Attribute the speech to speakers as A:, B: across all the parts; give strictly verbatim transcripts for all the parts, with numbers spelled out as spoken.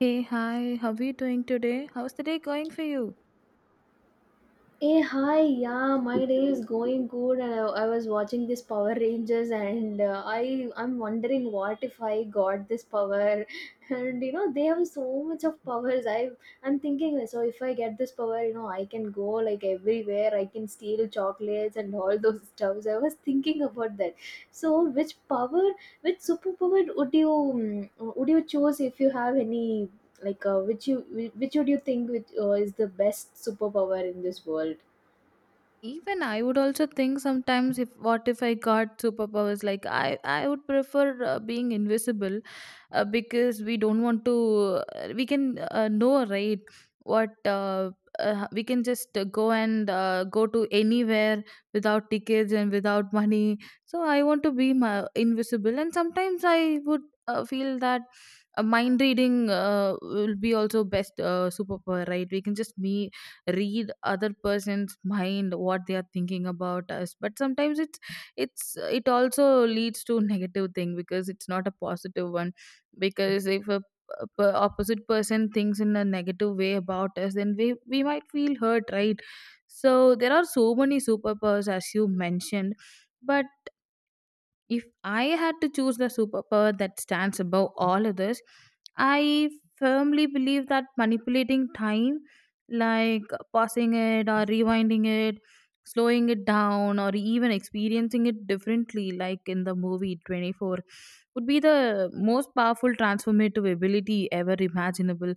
A: Hey, hi, how are you doing today? How's the day going for you?
B: Hey, hi, yeah, my day is going good, and I, I was watching this Power Rangers, and uh, I I'm wondering what if I got this power, and you know they have so much of powers. I I'm thinking, so if I get this power, you know I can go like everywhere. I can steal chocolates and all those stuffs. I was thinking about that. So which power, which superpower would you um, would you choose if you have any like uh, which you whi- which would you think, which, uh, is the best superpower in this world?
A: Even I would also think sometimes, if what if I got superpowers, like I I would prefer uh, being invisible uh, because we don't want to uh, we can uh, know, right, what uh, uh, we can just uh, go and uh, go to anywhere without tickets and without money. So I want to be my, invisible. And sometimes I would uh, feel that uh, mind reading uh, will be also best uh, superpower, right? We can just me read other person's mind, what they are thinking about us. But sometimes it's it's it also leads to negative thing, because it's not a positive one. Because if a p- p- opposite person thinks in a negative way about us, then we we might feel hurt, right? So there are so many superpowers as you mentioned. But if I had to choose the superpower that stands above all others, I firmly believe that manipulating time, like pausing it or rewinding it, slowing it down, or even experiencing it differently, like in the movie twenty-four, would be the most powerful transformative ability ever imaginable.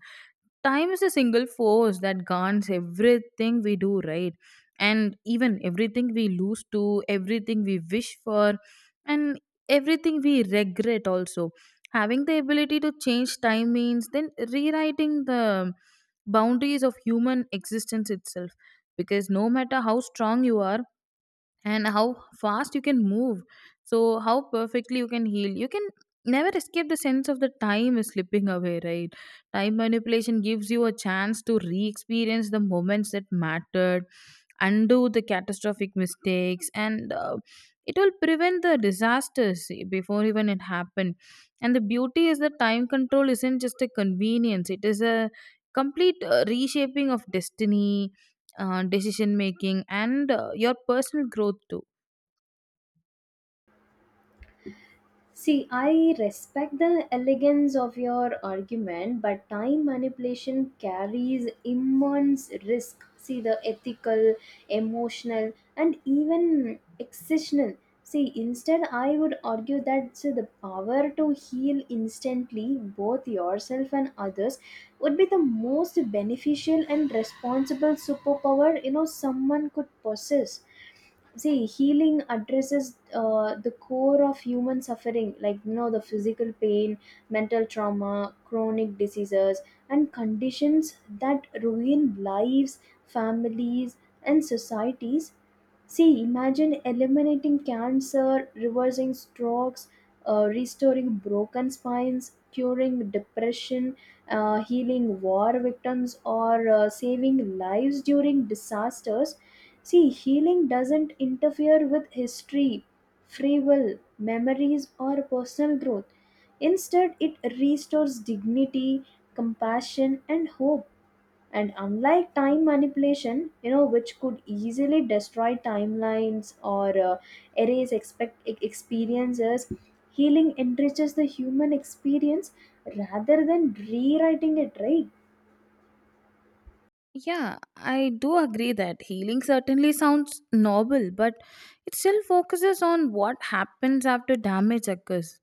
A: Time is a single force that guards everything we do, right? And even everything we lose, to everything we wish for, and everything we regret also. Having the ability to change time means then rewriting the boundaries of human existence itself. Because no matter how strong you are, and how fast you can move, so how perfectly you can heal, you can never escape the sense of the time is slipping away, right? Time manipulation gives you a chance to re-experience the moments that mattered, undo the catastrophic mistakes, and uh, it will prevent the disasters before even it happened. And the beauty is that time control isn't just a convenience, it is a complete uh, reshaping of destiny, uh, decision making, and uh, your personal growth too.
B: See, I respect the elegance of your argument, but time manipulation carries immense risk. See, the ethical, emotional, and even existential. See, instead, I would argue that, see, the power to heal instantly, both yourself and others, would be the most beneficial and responsible superpower, you know, someone could possess. See, healing addresses uh, the core of human suffering, like, you know, the physical pain, mental trauma, chronic diseases, and conditions that ruin lives, families, and societies. See, imagine eliminating cancer, reversing strokes, uh, restoring broken spines, curing depression, uh, healing war victims, or uh, saving lives during disasters. See, healing doesn't interfere with history, free will, memories, or personal growth. Instead, it restores dignity, compassion, and hope. And unlike time manipulation, you know, which could easily destroy timelines or uh, erase expect e- experiences, healing enriches the human experience rather than rewriting it, right?
A: Yeah, I do agree that healing certainly sounds noble, but it still focuses on what happens after damage occurs.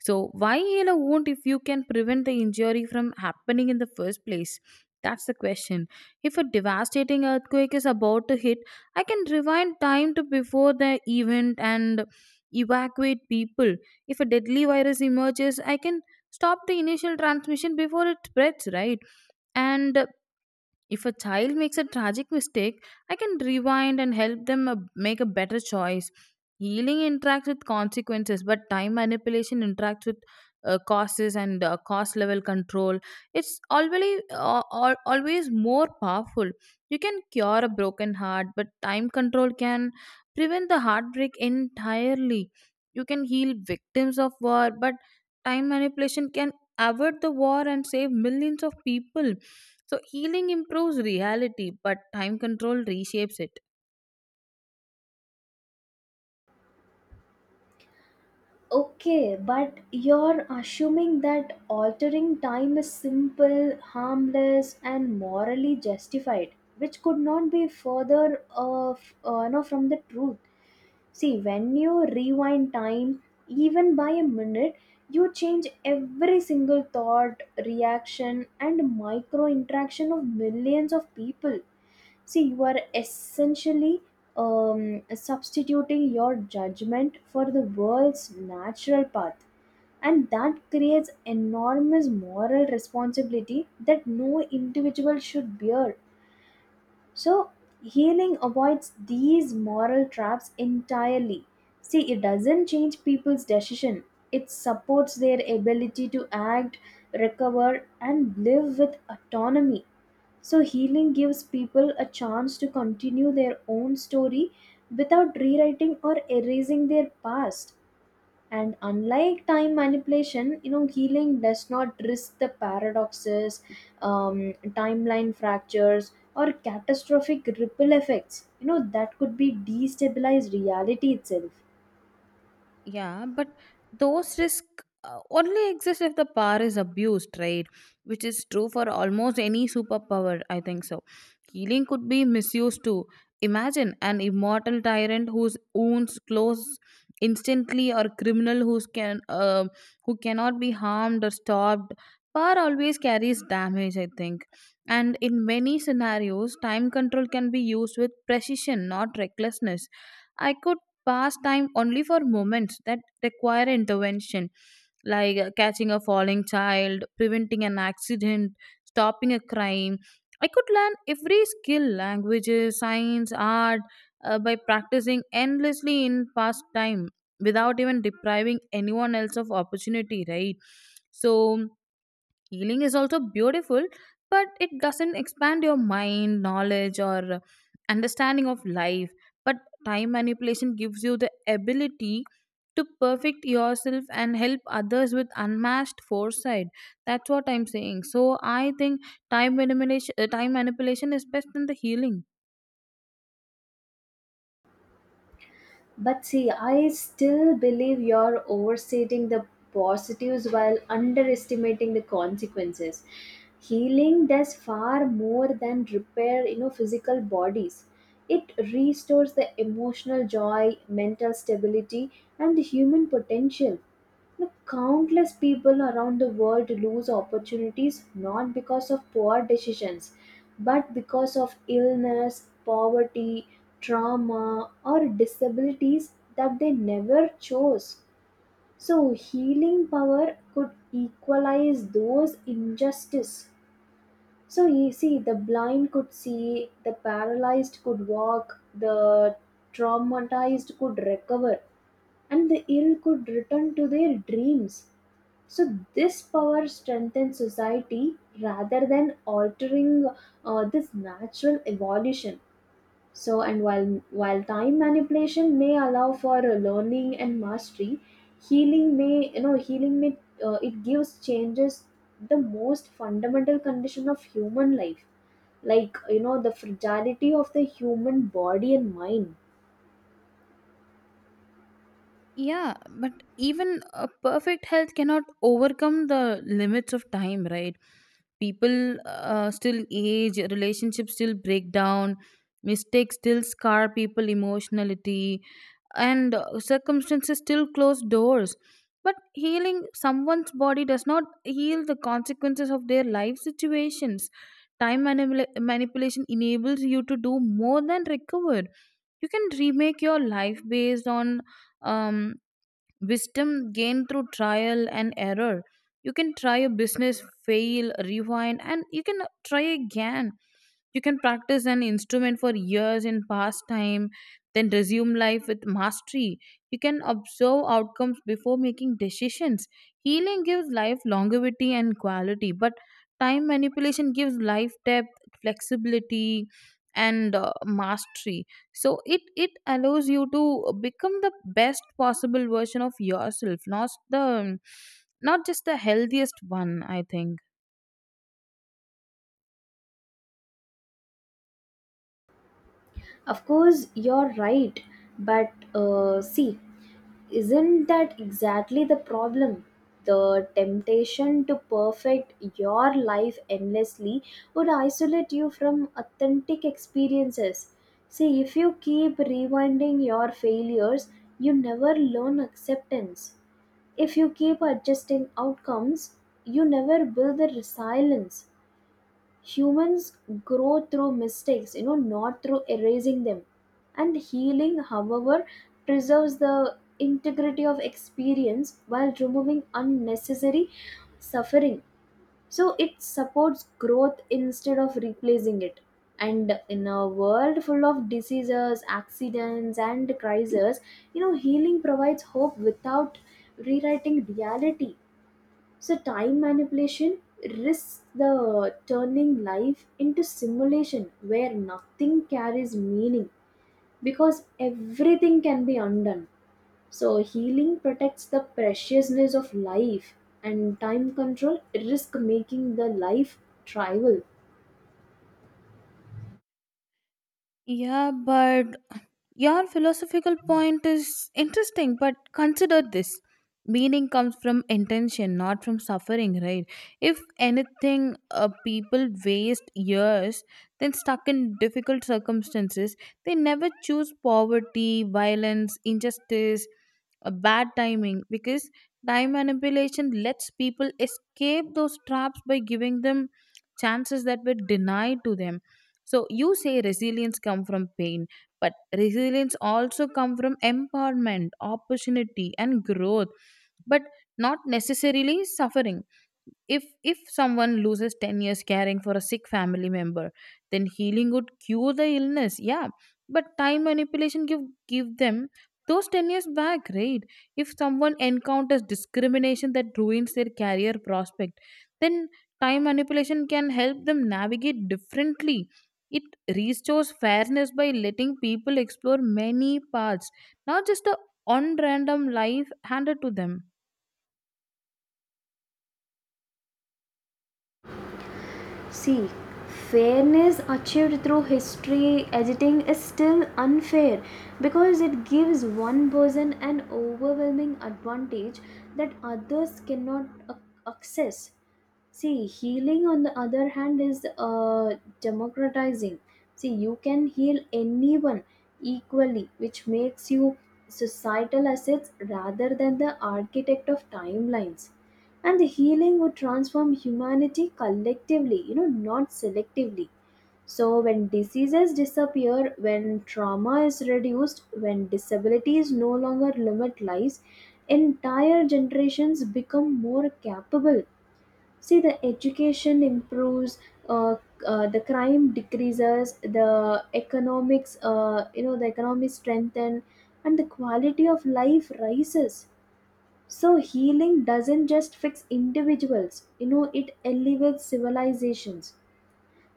A: So, why heal a wound if you can prevent the injury from happening in the first place? That's the question. If a devastating earthquake is about to hit, I can rewind time to before the event and evacuate people. If a deadly virus emerges, I can stop the initial transmission before it spreads, right? And if a child makes a tragic mistake, I can rewind and help them uh, make a better choice. Healing interacts with consequences, but time manipulation interacts with uh, causes and uh, cost level control. It's always, uh, al- always more powerful. You can cure a broken heart, but time control can prevent the heartbreak entirely. You can heal victims of war, but time manipulation can avert the war and save millions of people. So healing improves reality, but time control reshapes it.
B: Okay, but you're assuming that altering time is simple, harmless, and morally justified, which could not be further of, uh, no, from the truth. See, when you rewind time, even by a minute, you change every single thought, reaction, and micro interaction of millions of people. See, you are essentially um, substituting your judgment for the world's natural path, and that creates enormous moral responsibility that no individual should bear. So, healing avoids these moral traps entirely. See, it doesn't change people's decision, it supports their ability to act, recover, and live with autonomy. So, healing gives people a chance to continue their own story without rewriting or erasing their past. And unlike time manipulation, you know, healing does not risk the paradoxes, um, timeline fractures, or catastrophic ripple effects, you know, that could be destabilize reality itself.
A: Yeah, but those risks uh, only exist if the power is abused, right? Which is true for almost any superpower, I think so. Healing could be misused too. Imagine an immortal tyrant whose wounds close instantly, or criminal who's can uh, who cannot be harmed or stopped. Power always carries damage, I think. And in many scenarios, time control can be used with precision, not recklessness. I could pass time only for moments that require intervention, like uh, catching a falling child, preventing an accident, stopping a crime. I could learn every skill, languages, science, art, uh, by practicing endlessly in past time without even depriving anyone else of opportunity, right? So, healing is also beautiful, but it doesn't expand your mind knowledge or understanding of life. But time manipulation gives you the ability to perfect yourself and help others with unmatched foresight. That's what I'm saying, so I think time manipulation uh, time manipulation is best in the healing.
B: But see, I still believe you're overstating the positives while underestimating the consequences. Healing does far more than repair, you know, physical bodies. It restores the emotional joy, mental stability, and the human potential. Now, countless people around the world lose opportunities not because of poor decisions, but because of illness, poverty, trauma, or disabilities that they never chose. So, healing power could equalize those injustices. So, you see, the blind could see, the paralyzed could walk, the traumatized could recover, and the ill could return to their dreams. So this power strengthens society rather than altering uh, this natural evolution. So, and while while time manipulation may allow for uh, learning and mastery, healing may you know healing may uh, it gives changes the most fundamental condition of human life, like, you know, the fragility of the human body and mind.
A: Yeah, but even a perfect health cannot overcome the limits of time, right? People uh, still age, relationships still break down, mistakes still scar people emotionally, and uh, circumstances still close doors. But healing someone's body does not heal the consequences of their life situations. Time manipula- manipulation enables you to do more than recover. You can remake your life based on um, wisdom gained through trial and error. You can try a business, fail, rewind, and you can try again. You can practice an instrument for years in pastime, then resume life with mastery. You can observe outcomes before making decisions. Healing gives life longevity and quality, but time manipulation gives life depth, flexibility, and uh, mastery. So it it allows you to become the best possible version of yourself, not the not just the healthiest one, I think.
B: Of course, you're right, but uh, see, isn't that exactly the problem? The temptation to perfect your life endlessly would isolate you from authentic experiences. See, if you keep rewinding your failures, you never learn acceptance. If you keep adjusting outcomes, you never build the resilience. Humans grow through mistakes, you know, not through erasing them. And healing, however, preserves the integrity of experience while removing unnecessary suffering. So it supports growth instead of replacing it. And in a world full of diseases, accidents, and crises, you know, healing provides hope without rewriting reality. So, time manipulation risks the turning life into simulation where nothing carries meaning because everything can be undone. So, healing protects the preciousness of life, and time control risk making the life trivial.
A: Yeah, but your philosophical point is interesting, but consider this. Meaning comes from intention, not from suffering, right? If anything, uh, people waste years, then stuck in difficult circumstances, they never choose poverty, violence, injustice, a bad timing, because time manipulation lets people escape those traps by giving them chances that were denied to them. So you say resilience come from pain, but resilience also come from empowerment, opportunity, and growth, but not necessarily suffering. If if someone loses ten years caring for a sick family member, then healing would cure the illness, yeah. But time manipulation give give them those ten years back, right? If someone encounters discrimination that ruins their career prospect, then time manipulation can help them navigate differently. It restores fairness by letting people explore many paths, not just the on random life handed to them.
B: See, fairness achieved through history editing is still unfair because it gives one person an overwhelming advantage that others cannot ac- access. See, healing on the other hand is uh, democratizing. See, you can heal anyone equally, which makes you societal assets rather than the architect of timelines. And the healing would transform humanity collectively, you know, not selectively. So, when diseases disappear, when trauma is reduced, when disabilities no longer limit lives, entire generations become more capable. See, the education improves, uh, uh, the crime decreases, the economics, uh, you know, the economy strengthen, and the quality of life rises. So healing doesn't just fix individuals, you know, it elevates civilizations.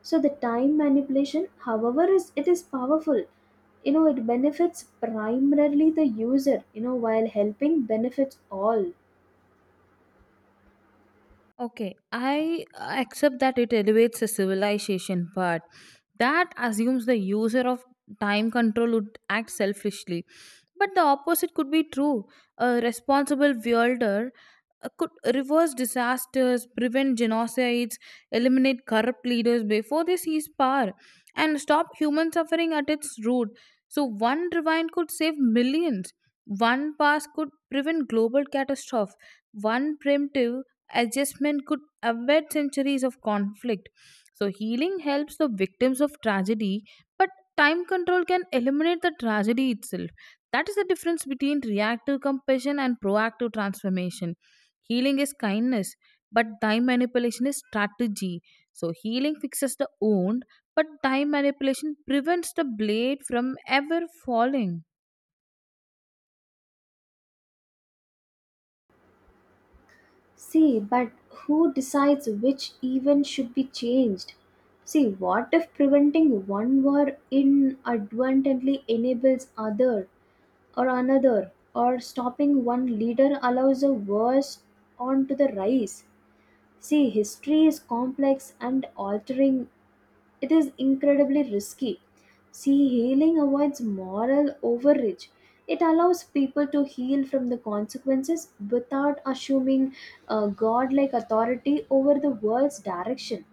B: So the time manipulation, however, is it is powerful, you know, it benefits primarily the user, you know, while helping benefits all.
A: Okay, I accept that it elevates a civilization, but that assumes the user of time control would act selfishly. But the opposite could be true. A responsible wielder uh, could reverse disasters, prevent genocides, eliminate corrupt leaders before they seize power, and stop human suffering at its root. So, one rewind could save millions. One pass could prevent global catastrophe. One preemptive adjustment could avert centuries of conflict. So, healing helps the victims of tragedy, but time control can eliminate the tragedy itself. That is the difference between reactive compassion and proactive transformation. Healing is kindness, but time manipulation is strategy. So healing fixes the wound, but time manipulation prevents the blade from ever falling.
B: See, but who decides which event should be changed? See, what if preventing one war inadvertently enables other or another, or stopping one leader allows a worst on to the rise? See, history is complex and altering it is incredibly risky. See, healing avoids moral overreach. It allows people to heal from the consequences without assuming a godlike authority over the world's direction.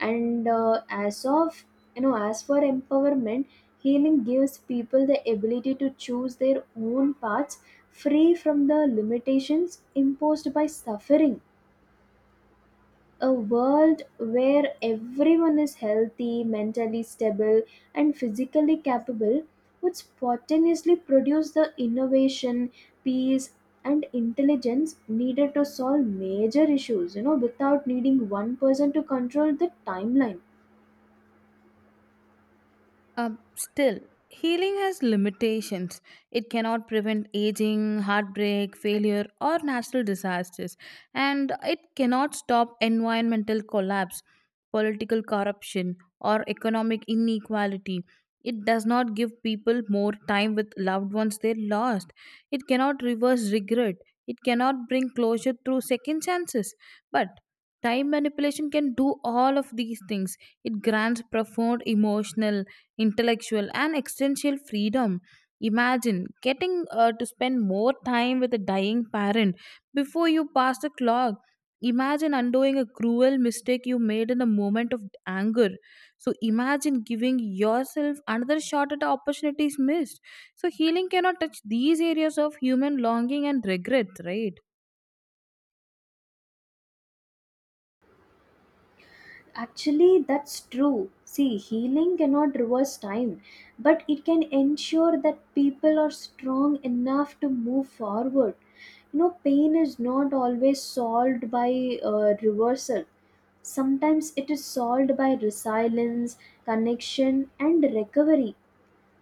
B: And uh, as of you know, as for empowerment, healing gives people the ability to choose their own paths, free from the limitations imposed by suffering. A world where everyone is healthy, mentally stable, and physically capable would spontaneously produce the innovation, peace, and intelligence needed to solve major issues, you know, without needing one person to control the timeline.
A: Um, still, healing has limitations. It cannot prevent aging, heartbreak, failure, or natural disasters. And it cannot stop environmental collapse, political corruption, or economic inequality. It does not give people more time with loved ones they lost. It cannot reverse regret. It cannot bring closure through second chances. But time manipulation can do all of these things. It grants profound emotional, intellectual, and existential freedom. Imagine getting uh, to spend more time with a dying parent before you pass the clock. Imagine undoing a cruel mistake you made in a moment of anger. So imagine giving yourself another shot at the opportunities missed. So healing cannot touch these areas of human longing and regret, right?
B: Actually, that's true. See, healing cannot reverse time, but it can ensure that people are strong enough to move forward. You know, pain is not always solved by uh, reversal. Sometimes it is solved by resilience, connection, and recovery.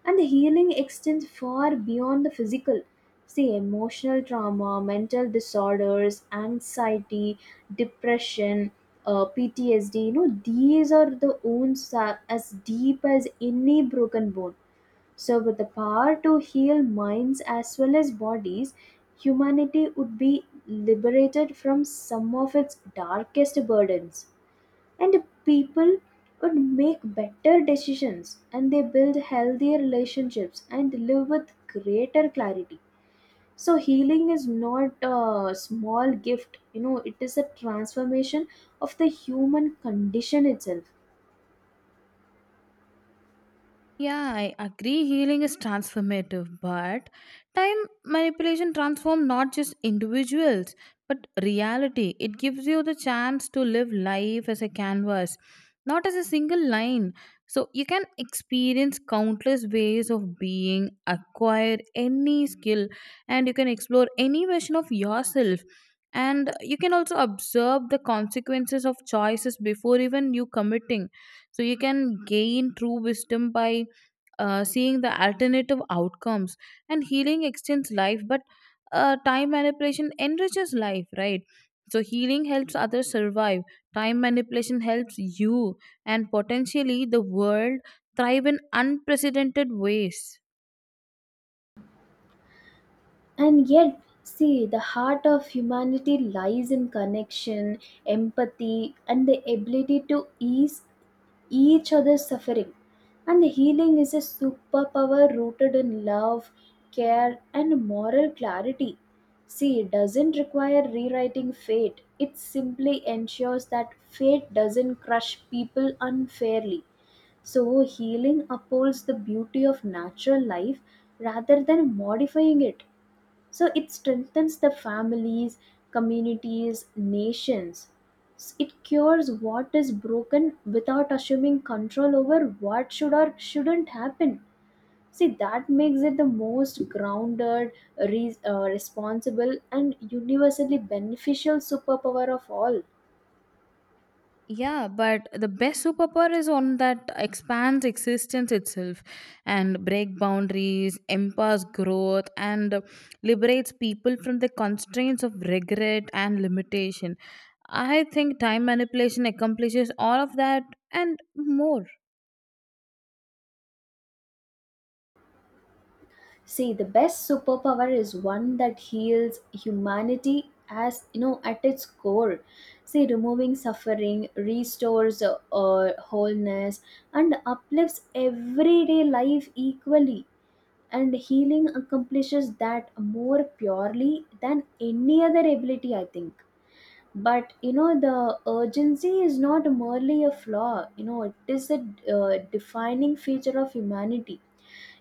B: And the healing extends far beyond the physical. See, emotional trauma, mental disorders, anxiety, depression, uh, P T S D, you know, these are the wounds that as deep as any broken bone. So, with the power to heal minds as well as bodies, humanity would be liberated from some of its darkest burdens, and people would make better decisions, and they build healthier relationships and live with greater clarity. So healing is not a small gift, you know, it is a transformation of the human condition itself.
A: Yeah, I agree healing is transformative, but time manipulation transforms not just individuals but reality. It gives you the chance to live life as a canvas, not as a single line. So you can experience countless ways of being, acquire any skill, and you can explore any version of yourself. And you can also observe the consequences of choices before even you committing. So you can gain true wisdom by uh, seeing the alternative outcomes. And healing extends life, but uh, time manipulation enriches life, right? So healing helps others survive, time manipulation helps you and potentially the world thrive in unprecedented ways.
B: And yet, see, the heart of humanity lies in connection, empathy, and the ability to ease each other's suffering. And healing is a superpower rooted in love, care, and moral clarity. See, it doesn't require rewriting fate, it simply ensures that fate doesn't crush people unfairly. So, healing upholds the beauty of natural life rather than modifying it. So it strengthens the families, communities, nations. S- it cures what is broken without assuming control over what should or shouldn't happen. See, that makes it the most grounded, re- uh, responsible, and universally beneficial superpower of all.
A: Yeah, but the best superpower is one that expands existence itself and break boundaries, empowers growth, and liberates people from the constraints of regret and limitation. I think time manipulation accomplishes all of that and more.
B: See, the best superpower is one that heals humanity, as you know, at its core. See, removing suffering restores uh, uh, wholeness and uplifts everyday life equally. And healing accomplishes that more purely than any other ability, I think. But you know, the urgency is not merely a flaw, you know, it is a uh, defining feature of humanity.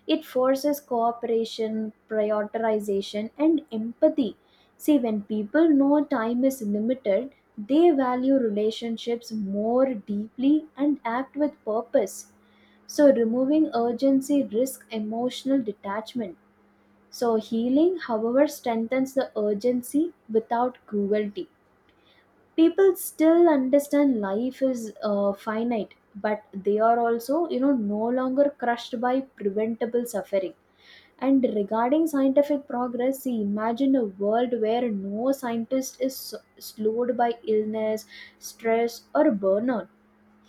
B: It forces cooperation, prioritization, and empathy. See, when people know time is limited, they value relationships more deeply and act with purpose. So, removing urgency risks emotional detachment. So, healing, however, strengthens the urgency without cruelty. People still understand life is uh, finite, but they are also, you know, no longer crushed by preventable suffering. And regarding scientific progress, see, imagine a world where no scientist is s- slowed by illness, stress, or burnout.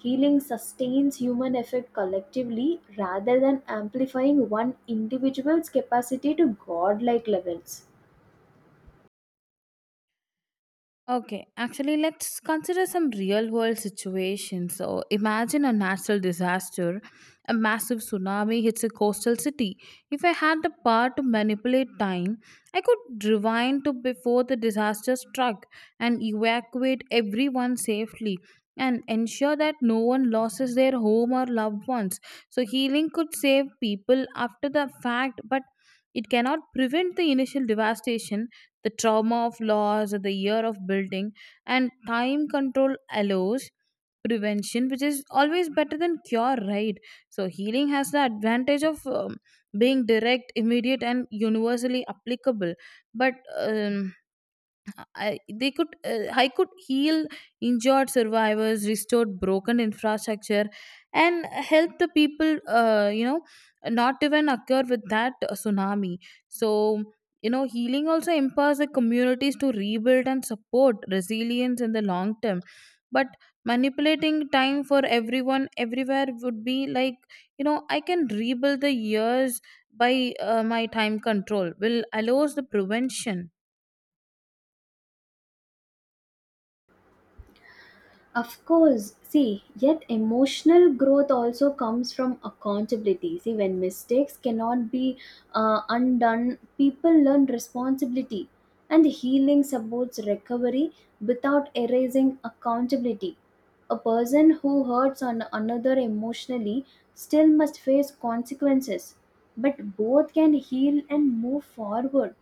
B: Healing sustains human effort collectively rather than amplifying one individual's capacity to godlike levels.
A: Okay, actually, let's consider some real world situations. So, imagine a natural disaster, a massive tsunami hits a coastal city. If I had the power to manipulate time, I could rewind to before the disaster struck and evacuate everyone safely and ensure that no one loses their home or loved ones. So, healing could save people after the fact, but it cannot prevent the initial devastation, the trauma of loss, or the year of building, and time control allows prevention, which is always better than cure, right? So, healing has the advantage of um, being direct, immediate, and universally applicable. But um, I, they could uh, I could heal injured survivors, restored broken infrastructure, and help the people. Uh, you know, not even occur with that tsunami. So you know, healing also empowers the communities to rebuild and support resilience in the long term. But manipulating time for everyone everywhere would be like, you know I can rebuild the years by uh, my time control will allows the prevention.
B: Of course, see, yet emotional growth also comes from accountability. See, when mistakes cannot be uh, undone, people learn responsibility, and healing supports recovery without erasing accountability. A person who hurts on another emotionally still must face consequences, but both can heal and move forward.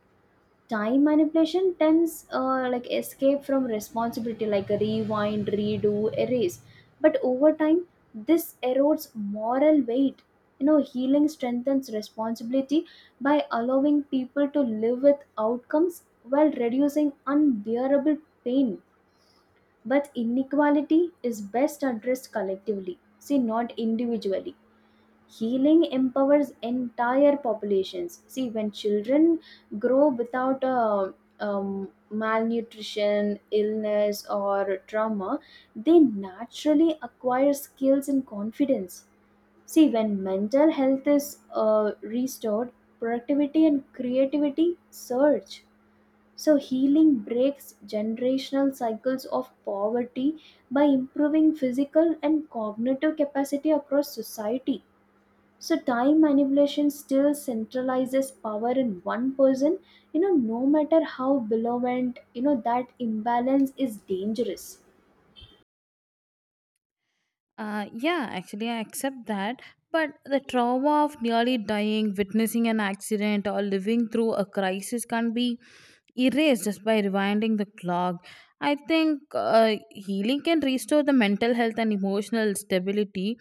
B: Time manipulation tends, uh, like escape from responsibility, like rewind, redo, erase. But over time, this erodes moral weight. You know, healing strengthens responsibility by allowing people to live with outcomes while reducing unbearable pain. But inequality is best addressed collectively, see, not individually. Healing empowers entire populations. See, when children grow without a um, malnutrition, illness, or trauma, they naturally acquire skills and confidence. See, when mental health is uh, restored, productivity and creativity surge. So healing breaks generational cycles of poverty by improving physical and cognitive capacity across society. So time manipulation still centralizes power in one person. You know, no matter how below, and you know that imbalance is dangerous.
A: Uh, yeah, actually, I accept that. But the trauma of nearly dying, witnessing an accident, or living through a crisis can be erased just by rewinding the clock. I think uh, healing can restore the mental health and emotional stability.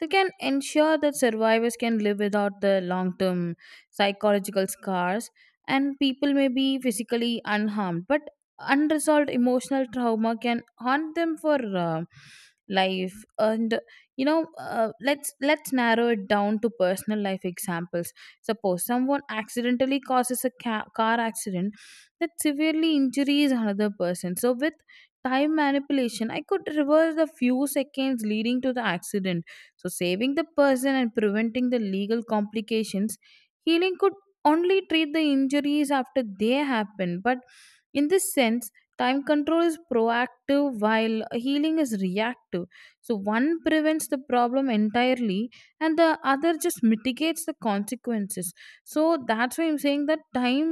A: They can ensure that survivors can live without the long term psychological scars, and people may be physically unharmed. But unresolved emotional trauma can haunt them for Uh, life. And you know uh, let's let's narrow it down to personal life examples. Suppose someone accidentally causes a ca- car accident that severely injures another person. So with time manipulation, I could reverse the few seconds leading to the accident, so saving the person and preventing the legal complications. Healing could only treat the injuries after they happen. But in this sense, time control is proactive, while healing is reactive. So one prevents the problem entirely, and the other just mitigates the consequences. So that's why I'm saying that time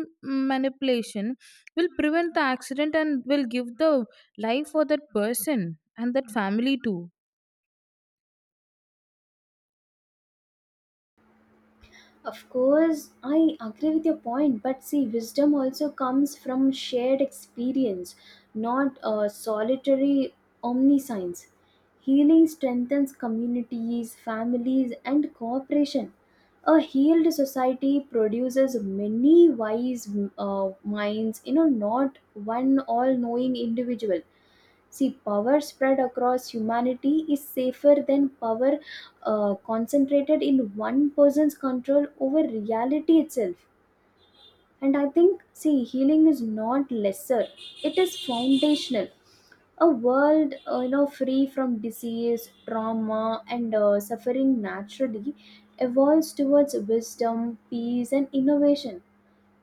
A: manipulation will prevent the accident and will give the life for that person and that family too.
B: Of course, I agree with your point, but see, wisdom also comes from shared experience, not a solitary omniscience. Healing strengthens communities, families, and cooperation. A healed society produces many wise uh, minds, you know, not one all knowing individual. See, power spread across humanity is safer than power uh, concentrated in one person's control over reality itself. And I think, see, healing is not lesser, it is foundational. A world, uh, you know, free from disease, trauma, and uh, suffering naturally evolves towards wisdom, peace, and innovation.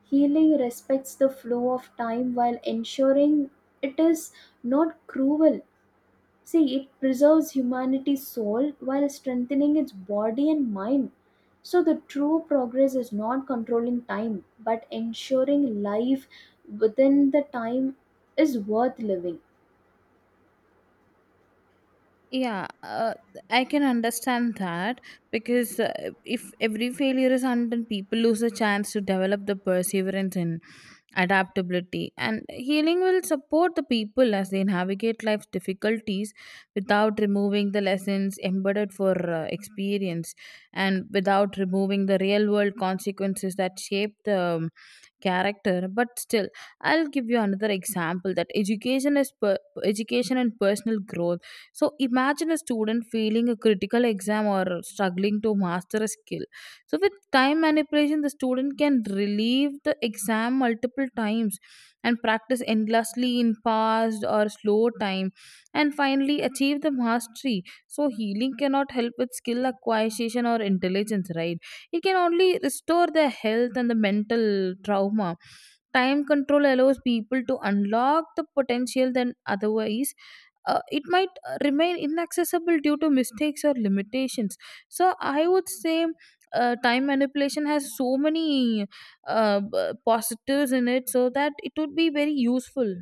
B: Healing respects the flow of time while ensuring it is not cruel. See, it preserves humanity's soul while strengthening its body and mind. So, the true progress is not controlling time, but ensuring life within the time is worth living.
A: Yeah, uh, I can understand that. Because uh, if every failure is handled, people lose a chance to develop the perseverance in adaptability, and healing will support the people as they navigate life's difficulties without removing the lessons embedded for uh, experience, and without removing the real world consequences that shape the um, character. But still, I'll give you another example: that education is per- education and personal growth. So imagine a student failing a critical exam or struggling to master a skill. So with time manipulation, the student can relieve the exam multiple times and practice endlessly in fast or slow time and finally achieve the mastery. So healing cannot help with skill acquisition or intelligence, right? It can only restore their health and the mental trauma. Time control allows people to unlock the potential than otherwise uh, it might uh, remain inaccessible due to mistakes or limitations. So I would say uh, time manipulation has so many uh, b- positives in it, so that it would be very useful.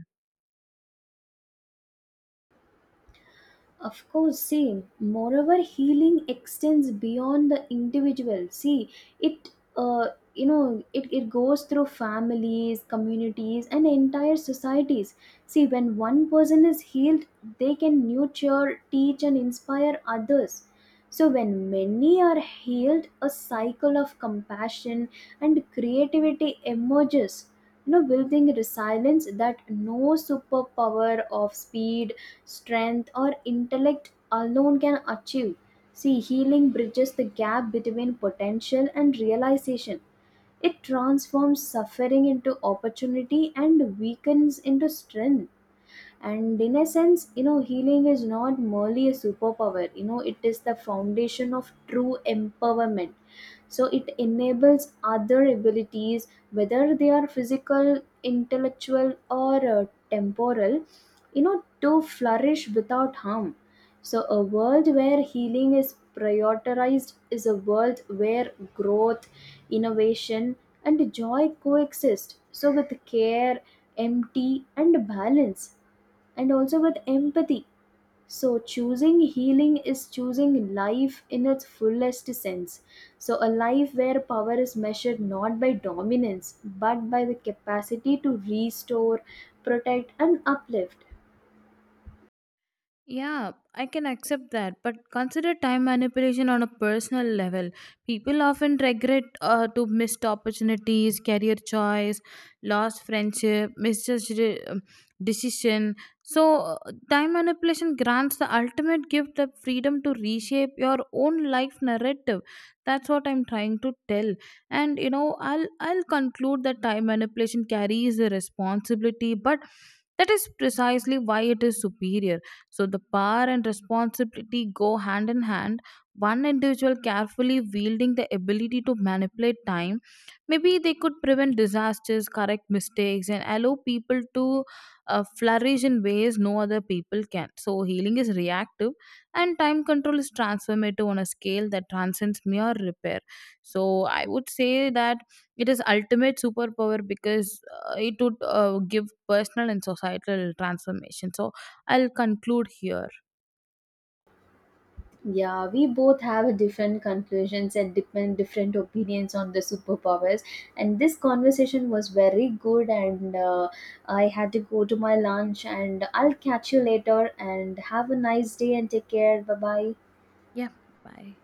B: Of course, same. Moreover, healing extends beyond the individual. See, it, uh, you know, it, it goes through families, communities, and entire societies. See, when one person is healed, they can nurture, teach, and inspire others. So, when many are healed, a cycle of compassion and creativity emerges, you know, building resilience that no superpower of speed, strength, or intellect alone can achieve. See, healing bridges the gap between potential and realization. It transforms suffering into opportunity and weakens into strength. And in a sense, you know, healing is not merely a superpower, you know, it is the foundation of true empowerment. So it enables other abilities, whether they are physical, intellectual, or uh, temporal, you know, to flourish without harm. So a world where healing is prioritized is a world where growth, innovation, and joy coexist, so with care, empty, and balance, and also with empathy. So, choosing healing is choosing life in its fullest sense. So, a life where power is measured not by dominance but by the capacity to restore, protect, and uplift.
A: Yeah, I can accept that, but consider time manipulation on a personal level. People often regret uh, to missed opportunities, career choice, lost friendship, misjudged uh, decision. So, uh, time manipulation grants the ultimate gift, the freedom to reshape your own life narrative. That's what I'm trying to tell. And you know, I'll I'll conclude that time manipulation carries a responsibility, but that is precisely why it is superior, so the power and responsibility go hand in hand. One individual carefully wielding the ability to manipulate time, maybe they could prevent disasters, correct mistakes, and allow people to uh, flourish in ways no other people can. So healing is reactive, and time control is transformative on a scale that transcends mere repair. So I would say that it is ultimate superpower because uh, it would uh, give personal and societal transformation. So I'll conclude here.
B: Yeah, we both have different conclusions and different different opinions on the superpowers, and this conversation was very good. And uh, I had to go to my lunch, and I'll catch you later. And have a nice day and take care. Bye bye.
A: Yeah, bye.